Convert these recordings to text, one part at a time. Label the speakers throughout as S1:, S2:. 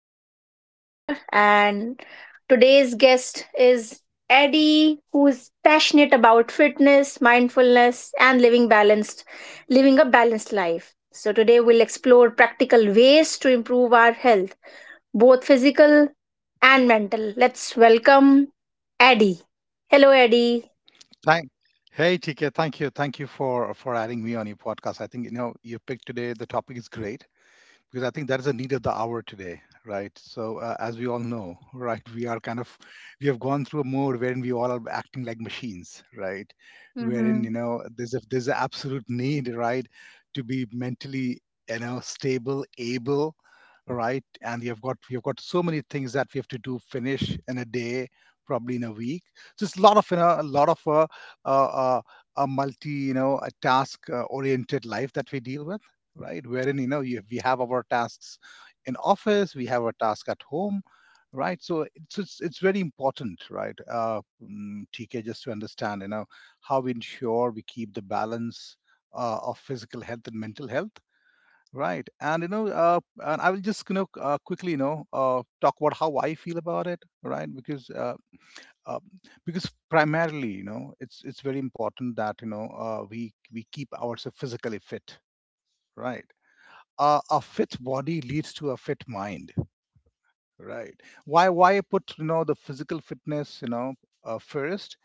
S1: Your moderator, and today's guest is Eddie, who is passionate about fitness, mindfulness, and living a balanced life. So today we'll explore practical ways to improve our health, both physical and mental. Let's welcome Eddie. Hello, Eddie.
S2: Thank, hey TK, thank you for adding me on your podcast. I think you know your pick today. The topic is great, because I think that is the need of the hour today, right? So as we all know, right, we are kind of, we have gone through a mode wherein we all are acting like machines, right? Wherein you know there's an absolute need, right, to be mentally you know stable, able, right? And you've got so many things that we have to do, finish in a day, probably in a week. Just a lot of you know, a lot of uh, uh, a multi you know a task oriented life that we deal with, right? Wherein, we have our tasks in office, we have our task at home, right? So it's very important, right? TK, just to understand, you know, how we ensure we keep the balance of physical health and mental health. Right, and you know, and I will just you know quickly you know talk about how I feel about it, right? Uh, because primarily you know it's very important that you know we keep ourselves physically fit, right? A fit body leads to a fit mind, right? Why put you know the physical fitness you know first,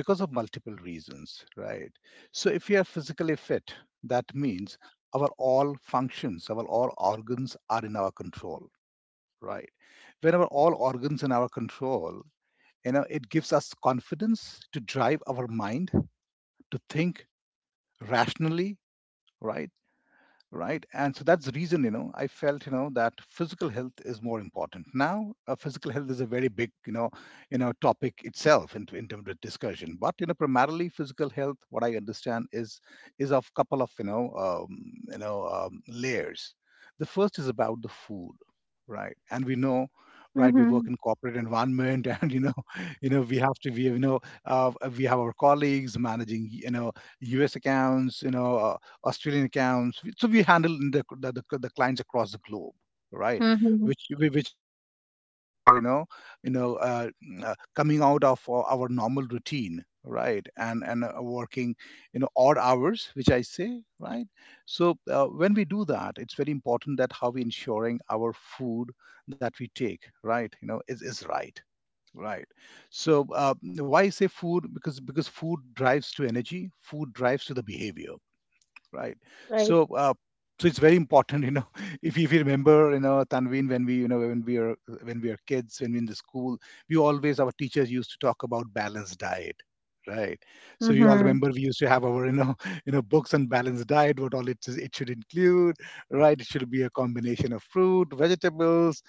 S2: because of multiple reasons, right? So if you are physically fit, that means our all functions, our all organs are in our control, right? Whenever all organs in our control, you know it gives us confidence to drive our mind, to think rationally, right right. And so that's the reason you know I felt you know that physical health is more important now. Physical health is a very big you know topic itself, in terms of discussion, but you know primarily physical health what I understand is of couple of you know layers. The first is about the food, right? And we know, right, we work in corporate environment and you know we have to be you know uh, we have our colleagues managing you know us accounts you know Australian accounts. So we handle in the clients across the globe, right? Which which calls for you know coming out of our normal routine, right? And working you know odd hours, which I say, right? So when we do that, it's very important that how we ensuring our food that we take, right? You know, is right. Right. So, why I say food? Because food drives to energy, food drives to the behavior, right? So so it's very important you know if you remember you know Tanveen, when we you know when we are kids, when we in the school, we always, our teachers used to talk about balanced diet, right? So you all
S1: Mm-hmm.
S2: remember, we used to have our you know you know books on balanced diet, what all it is, it should include, right? It should be a combination of fruit, vegetables,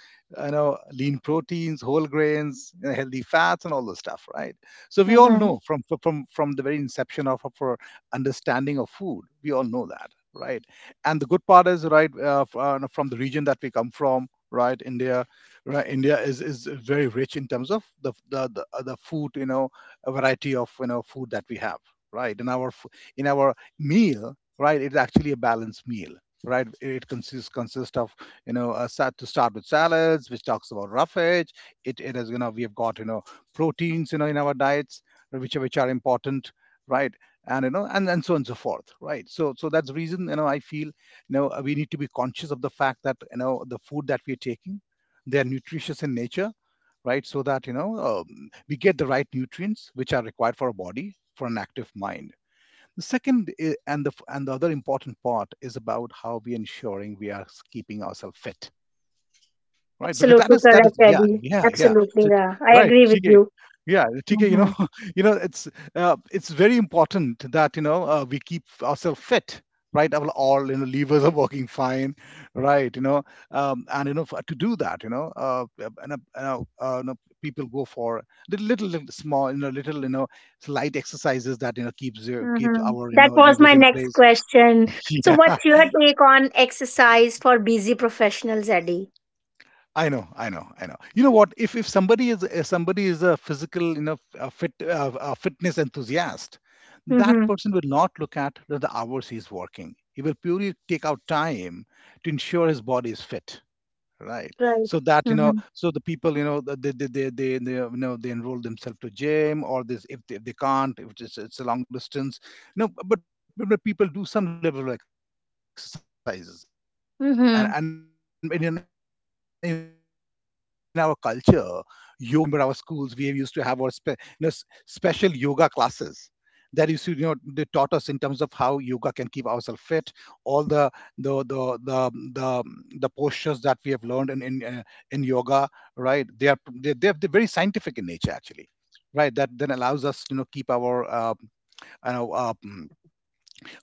S2: you know, lean proteins, whole grains, you know, healthy fats and all those stuff, right? So we all know from from the very inception of our understanding of food. We all know that, right? And the good part is, right, f- no, from the region that we come from, right, India is very rich in terms of the food, you know, a variety of you know food that we have, right? In our meal, right, it's actually a balanced meal. Right, it consists of you know to start with salads, which talks about roughage. It is you know we have got you know proteins you know in our diets, which are important, right? And you know and so on and so forth, right? So so that's the reason you know I feel you know we need to be conscious of the fact that you know the food that we're taking, they are nutritious in nature, right? So that you know we get the right nutrients which are required for a body, for an active mind. The second i- and the f- and the other important part is about how we are ensuring we are keeping ourselves fit, right? Because that
S1: Absolutely
S2: is that is
S1: correct,
S2: yeah
S1: Eddie.
S2: yeah yeah.
S1: Absolutely, yeah. I
S2: Right
S1: agree with
S2: TK.
S1: you.
S2: Yeah TK, you
S1: hmm
S2: know you know it's very important that you know we keep ourselves fit, right? Our all you know levers are working fine, right? You know and you know to do that you know you know people go for little small you know little you know slight exercises that you know keeps our you
S1: That
S2: know
S1: was
S2: levers
S1: my
S2: in
S1: next
S2: place.
S1: question. So,
S2: Yeah.
S1: what's your take on exercise for busy professionals, Eddie?
S2: I know, I know, I know. You know what? If somebody is, if somebody is a physical, you know, a fit, a fitness enthusiast, that
S1: Mm-hmm.
S2: person will not look at the hours he's working. He will purely take out time to ensure his body is fit, right?
S1: Right.
S2: So that you know,
S1: Mm-hmm.
S2: so the people you know they you know they enroll themselves to gym or this, if they can't, if it's a long distance you know. But but people do some level of exercises. And in our culture,
S1: Mm-hmm.
S2: yoga is an example, right? You know, that everybody practices, you know. If you remember our schools, we used to have our you know, special yoga classes that used to you know they taught us in terms of how yoga can keep ourselves fit. All the the the the, the postures that we have learned in in yoga, right, they are, they're very scientific in nature actually, right? That then allows us you know keep our you know uh,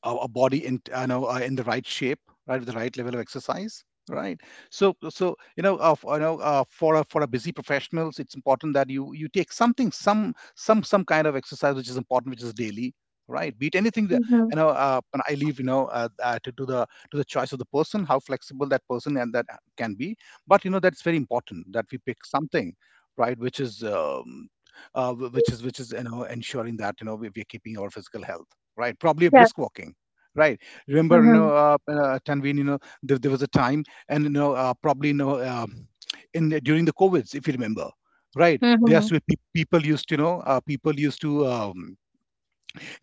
S2: a, a body in I know in the right shape, right, with the right level of exercise, right. So so you know, for for a busy professionals, it's important that you take something, some kind of exercise which is important, which is daily. Right, be it anything that
S1: Mm-hmm.
S2: you know. And I leave you know to the choice of the person, how flexible that person and that can be. But you know that's very important that we pick something, right, which is which is which is you know ensuring that you know we're keeping our physical health, right? Probably a
S1: Yeah.
S2: brisk walking, right? Remember, you
S1: Mm-hmm.
S2: know, Tanveen, you know, there was a time, and you know, probably, you know, in during the COVIDs, if you remember, right? There
S1: Mm-hmm.
S2: used to be people used to, you know, people used to.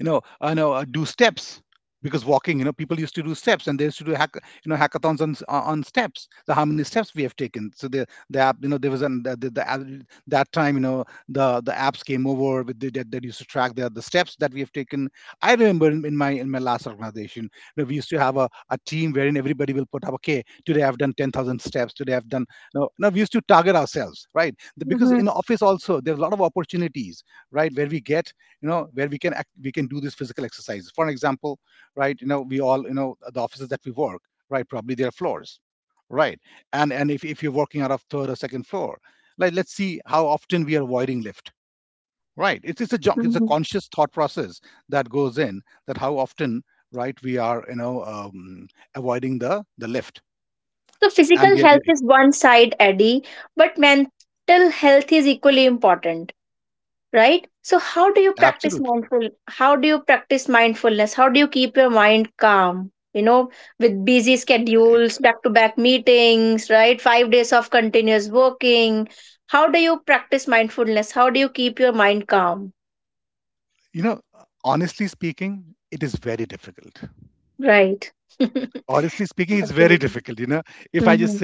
S2: You know, you know, do steps, because walking, you know, people used to do steps and they used to do hack, you know, hackathons on on steps. So how many steps we have taken? So the app, you know, there was an the app, that time, you know, the apps came over with the, that that used to track the steps that we have taken. I remember in my last organization, you know, we used to have a team wherein everybody will put up, okay, today I've done 10,000 steps. Today I've done. No, no, we used to target ourselves, right? Because
S1: Mm-hmm.
S2: in office also there's a lot of opportunities, right, where we get you know where we can act, we can do these physical exercises for an example, right? You know, we all you know the offices that we work, right, probably there are floors, right? And if you're working out of third or second floor, like let's see how often we are avoiding lift, right? It's a junk, it's a
S1: Mm-hmm.
S2: conscious thought process that goes in, that how often, right, we are you know avoiding the lift,
S1: So,
S2: and
S1: physical
S2: we are we,
S1: health is one side, Eddie, but mental health is equally important. Right, so how do you practice
S2: absolutely
S1: mindful how do you practice mindfulness? How do you keep your mind calm, you know, with busy schedules, back to back meetings, right? 5 days of continuous working, how do you keep your mind calm, right? Absolutely. Mhm,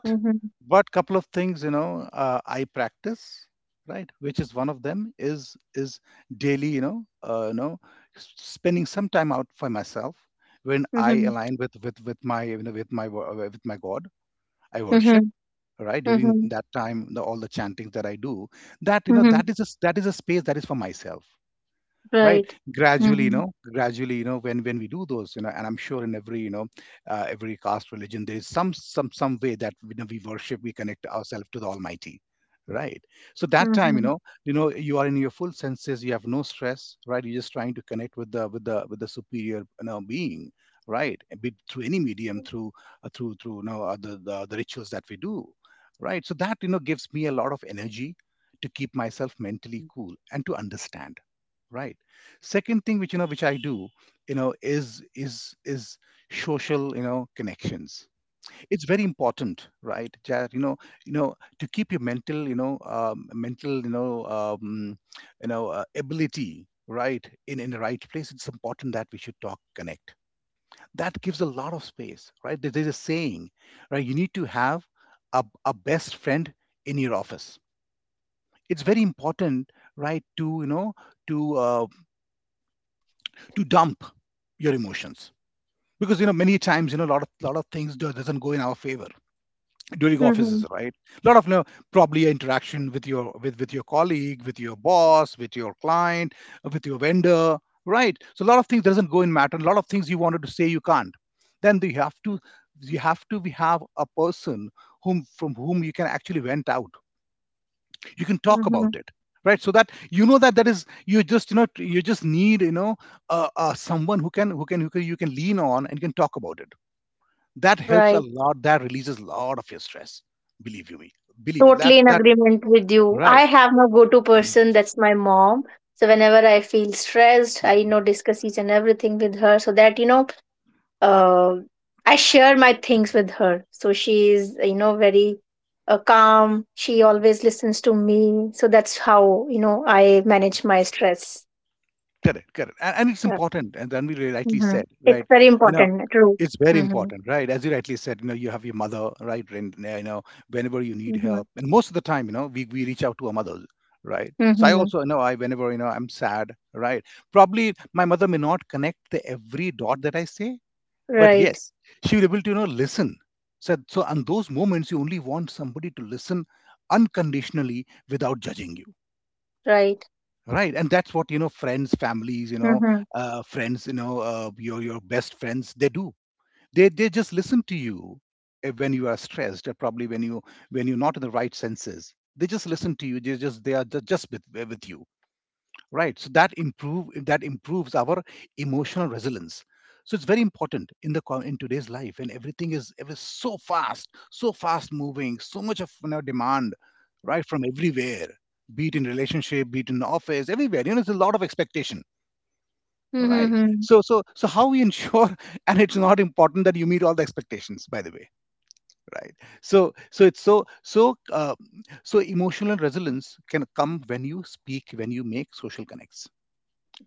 S1: mhm, mhm, mhm, mhm, mhm, right, mhm, mhm, mhm, mhm, right. Totally in agreement with you. I have my go to person, that's my mom. So whenever I feel stressed, I discuss each and everything with her, so that uh, I share my things with her. So she is, you know, very calm. She always listens to me. So that's how, you know, I manage my stress. Yeah. Hmm. It's very important. True. Mm-hmm. Mm-hmm. Mm-hmm. Right. Right. Mm-hmm. Mm-hmm.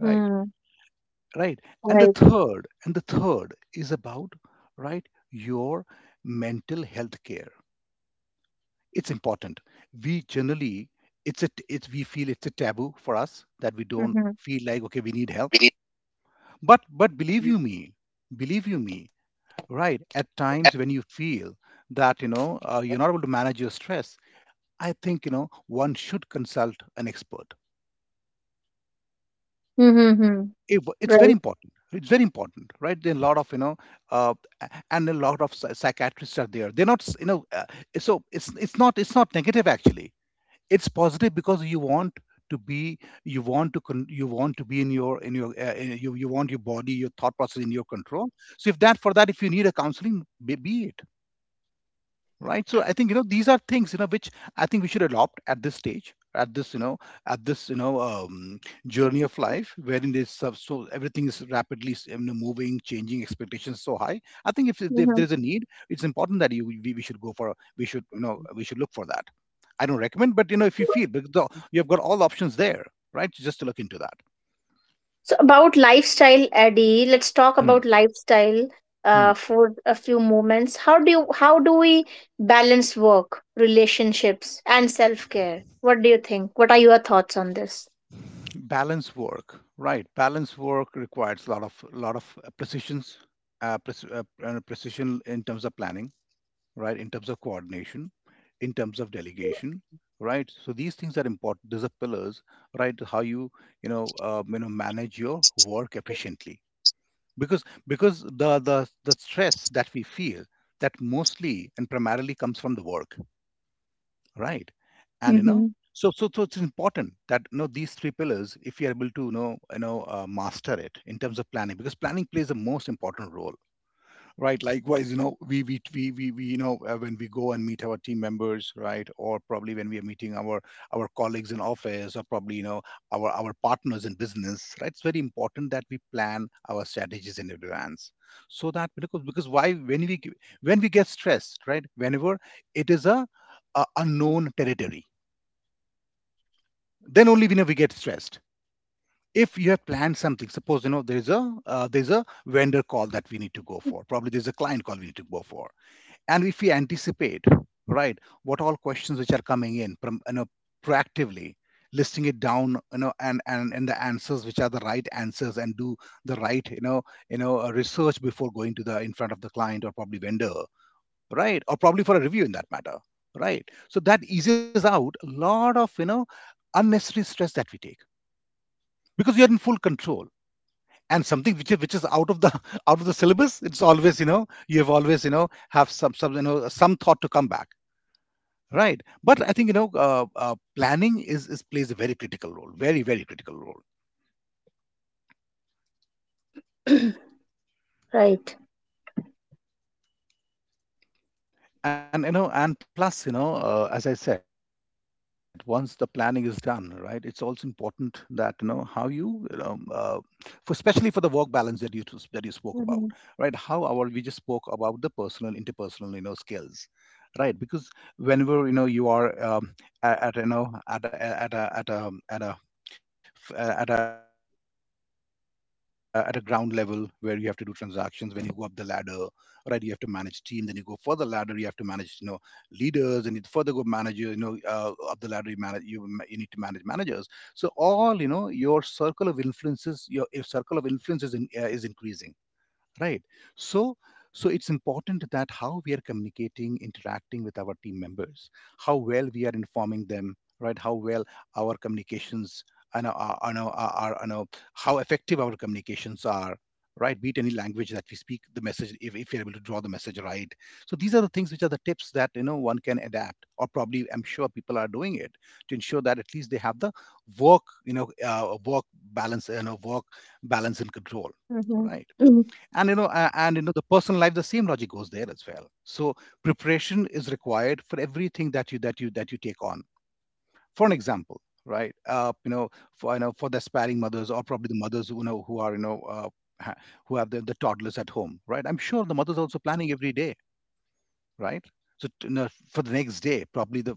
S1: Mm-hmm. Right. Mm-hmm. Mm-hmm. Right. Mm-hmm. So about lifestyle, Eddie, let's talk about lifestyle for a few moments. How do we balance work, relationships, and self care? What do you think? What are your thoughts on this? Hmm. Right. Mhm, mhm, mhm.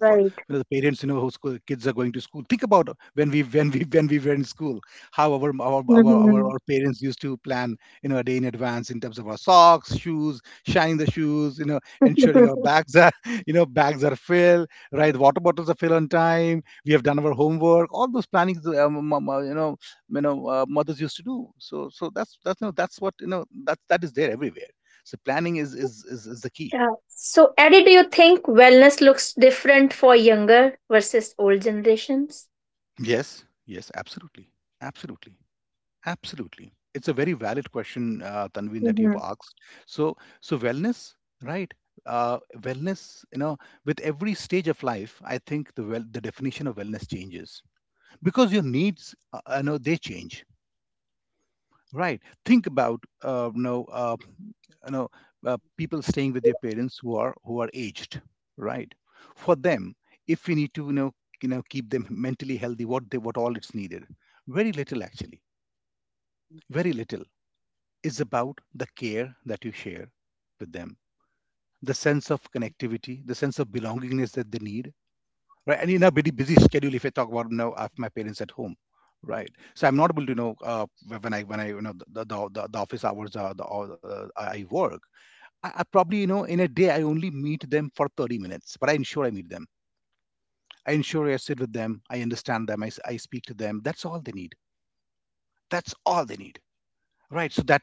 S1: Right. Mhm. Yeah. So, Eddie, do you think wellness looks different for younger versus old generations? Mhm,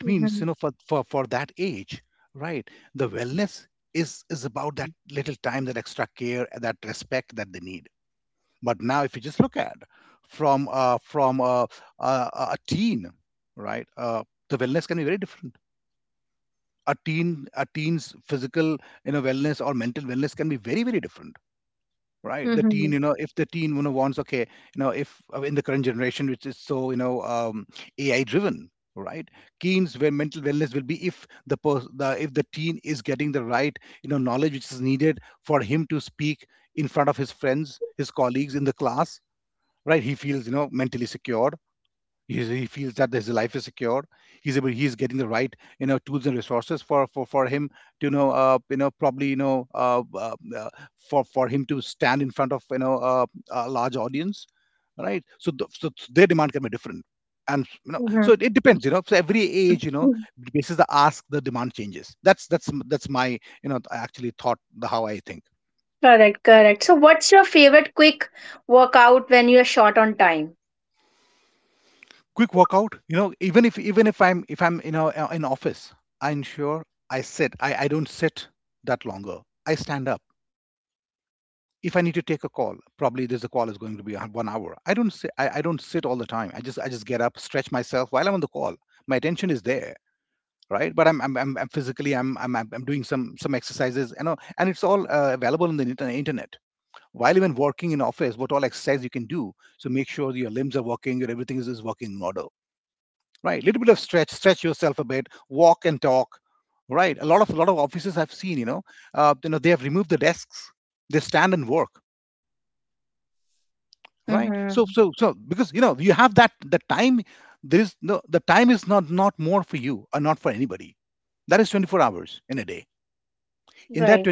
S1: mhm, mhm, mhm. Correct, correct. So, what's your favorite quick workout when you are short on time? Mm-hmm. Right.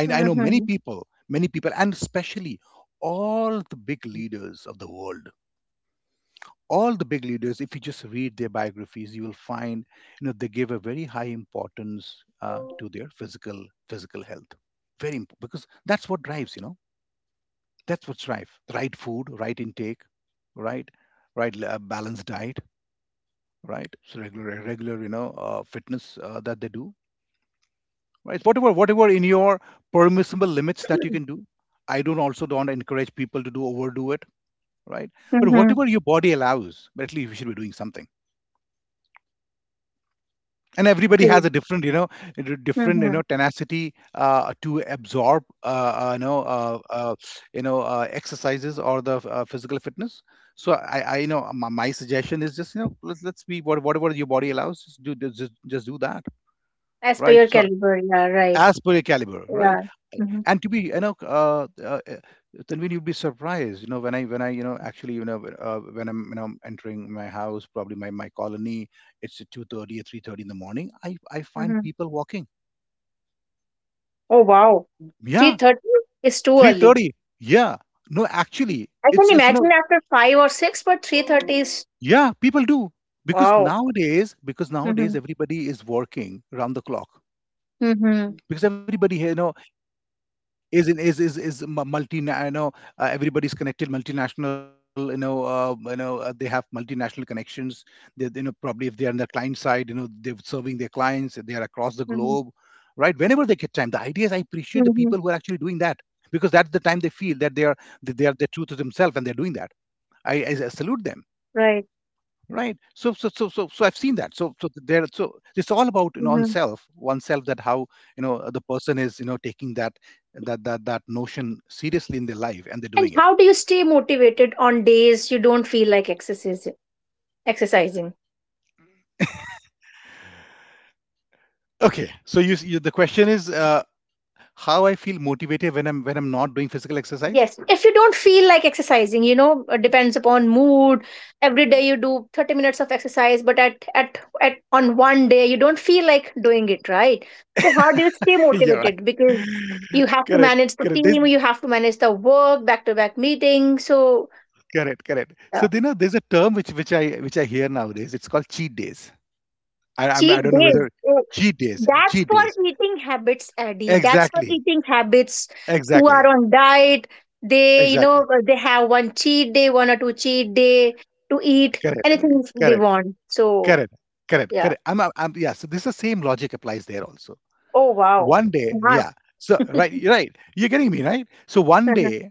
S1: Mm-hmm. Mm-hmm. Great. Mm-hmm. As per your caliber, yeah, right. Yeah. Mm-hmm. Mm-hmm. Oh wow. 3:30 is too early. I can imagine after 5 or 6, but 3:30 is wow. Mm-hmm. Mm-hmm. Mm-hmm. Mm-hmm. Right. Mm-hmm. And how do you stay motivated on days you don't feel like exercising? Yes, if you don't feel like exercising, you know, depends upon mood. Every day you do 30 minutes of exercise, but at on one day you don't feel like doing it, right? So how do you stay motivated? Because you have to manage the team, you have to manage the work, back to back meeting. So uh, cheat days. That's for eating habits, Eddie. That's for eating habits who are on diet. They, you know, they have one cheat day, one or two cheat day to eat anything they want. So, yeah. Oh, wow. Smart.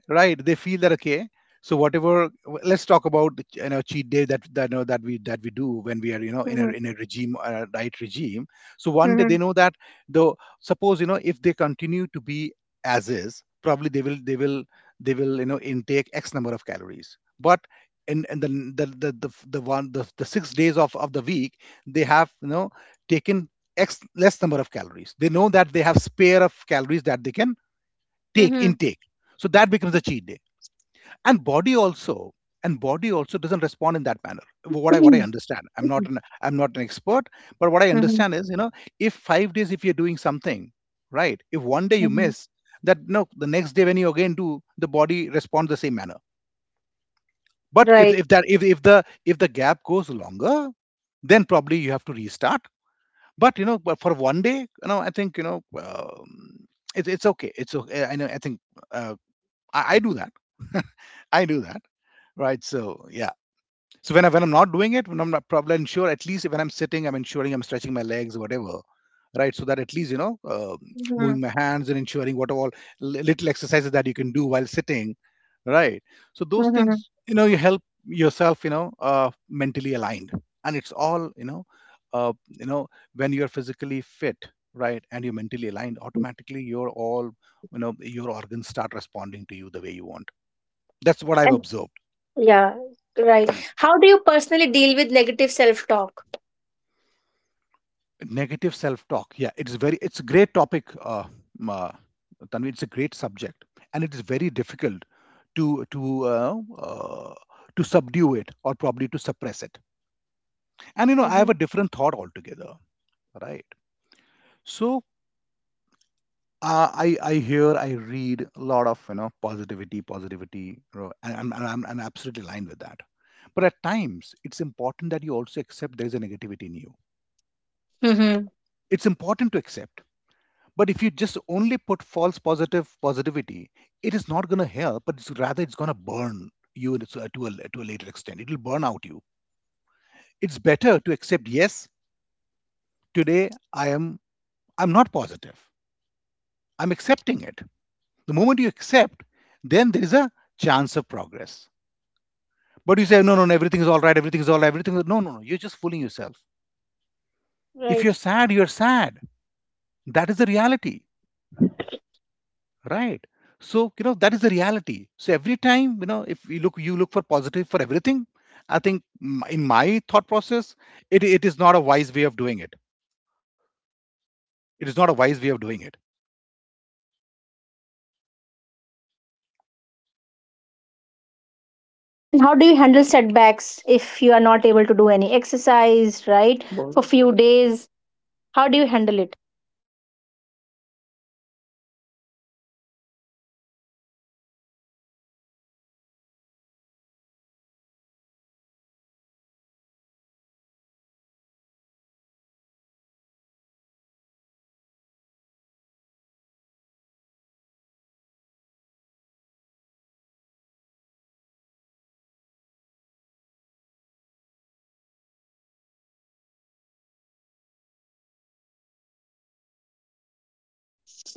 S1: Mhm, mhm, mhm, mhm, mhm, mhm, mhm, right, mhm, mhm. And yeah, right. How do you personally deal with negative self talk? Hmm. Hmm. Right. And how do you handle setbacks if you are not able to do any exercise, right? Well, for few days, how do you handle it?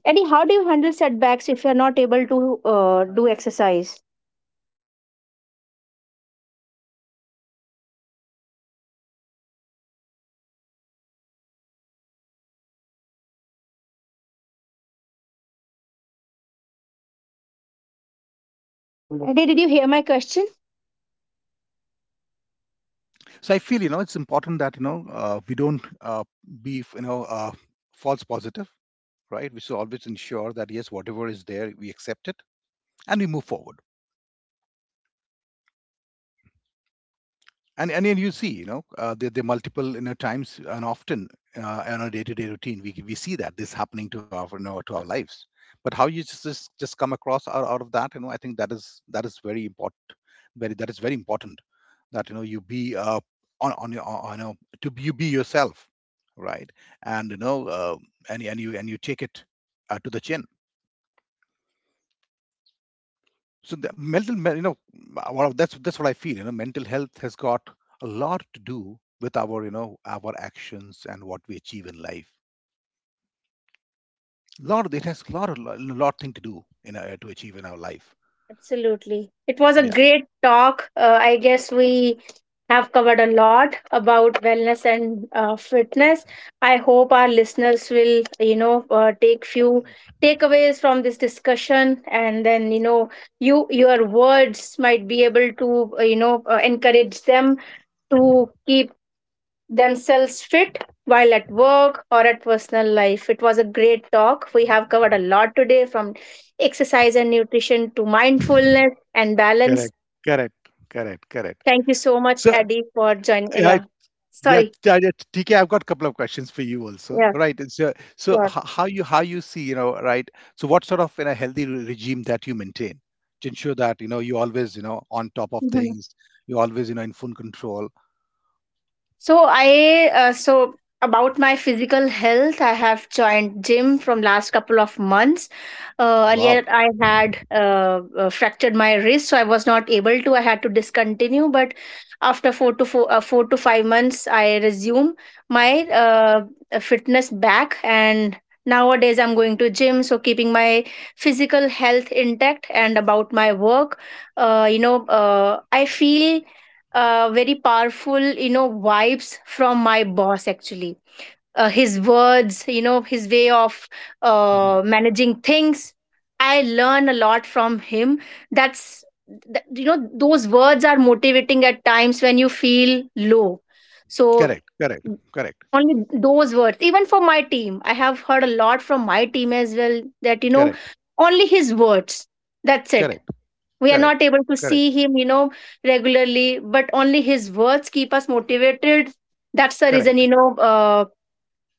S1: Eddie, how do you handle setbacks if you are not able to do exercise? Eddie, did you hear my question? Absolutely. It was a great talk. I guess we have covered a lot about wellness and fitness. I hope our listeners will, you know, take few takeaways from this discussion, and then you know, you your words might be able to, encourage them to keep themselves fit while at work or at personal life. It was a great talk. We have covered a lot today, from exercise and nutrition to mindfulness and balance. Thank you so much, Eddie, for joining. Yeah, sorry. Yeah, sure. So I so about my physical health, I have joined gym from last couple of months. Earlier, I had fractured my wrist, so I was not able to. I had to discontinue, but after 4 to 5 months, I resume my fitness back and. Nowadays, I'm going to gym, so keeping my physical health intact. And about my work, I feel very powerful, you know, vibes from my boss, actually. His words, you know, his way of managing things, I learn a lot from him. That's, you know, those words are motivating at times when you feel low. So only those words, even for my team, I have heard a lot from my team as well, that you know, only his words, that's it. We are not able to see him, you know, regularly, but only his words keep us motivated. That's the reason, you know,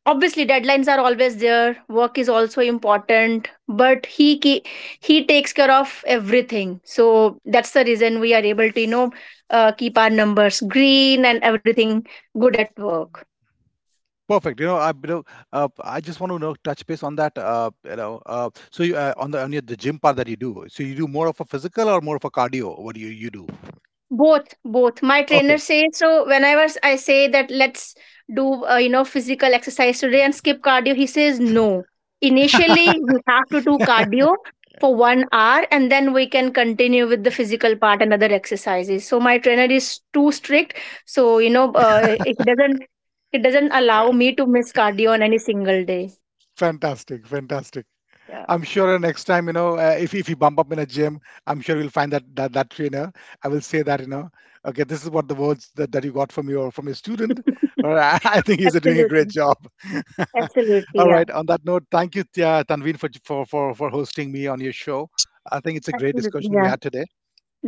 S1: obviously deadlines are always there, work is also important, but he takes care of everything. So that's the reason we are able to, you know, keep our numbers green and everything good at work. Both my trainer says, so whenever I say that let's do, physical exercise today and skip cardio, he says no, initially you have to do cardio for 1 hour, and then we can continue with the physical part and other exercises. So my trainer is too strict. So you know, it doesn't it doesn't allow me to miss cardio on any single day. Yeah. Absolutely. Absolutely, yeah. Absolutely, yeah.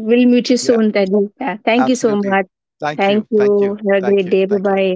S1: We'll meet you soon, Teddy. Yeah, thank you so much. Thank you. Have a great day. Bye bye.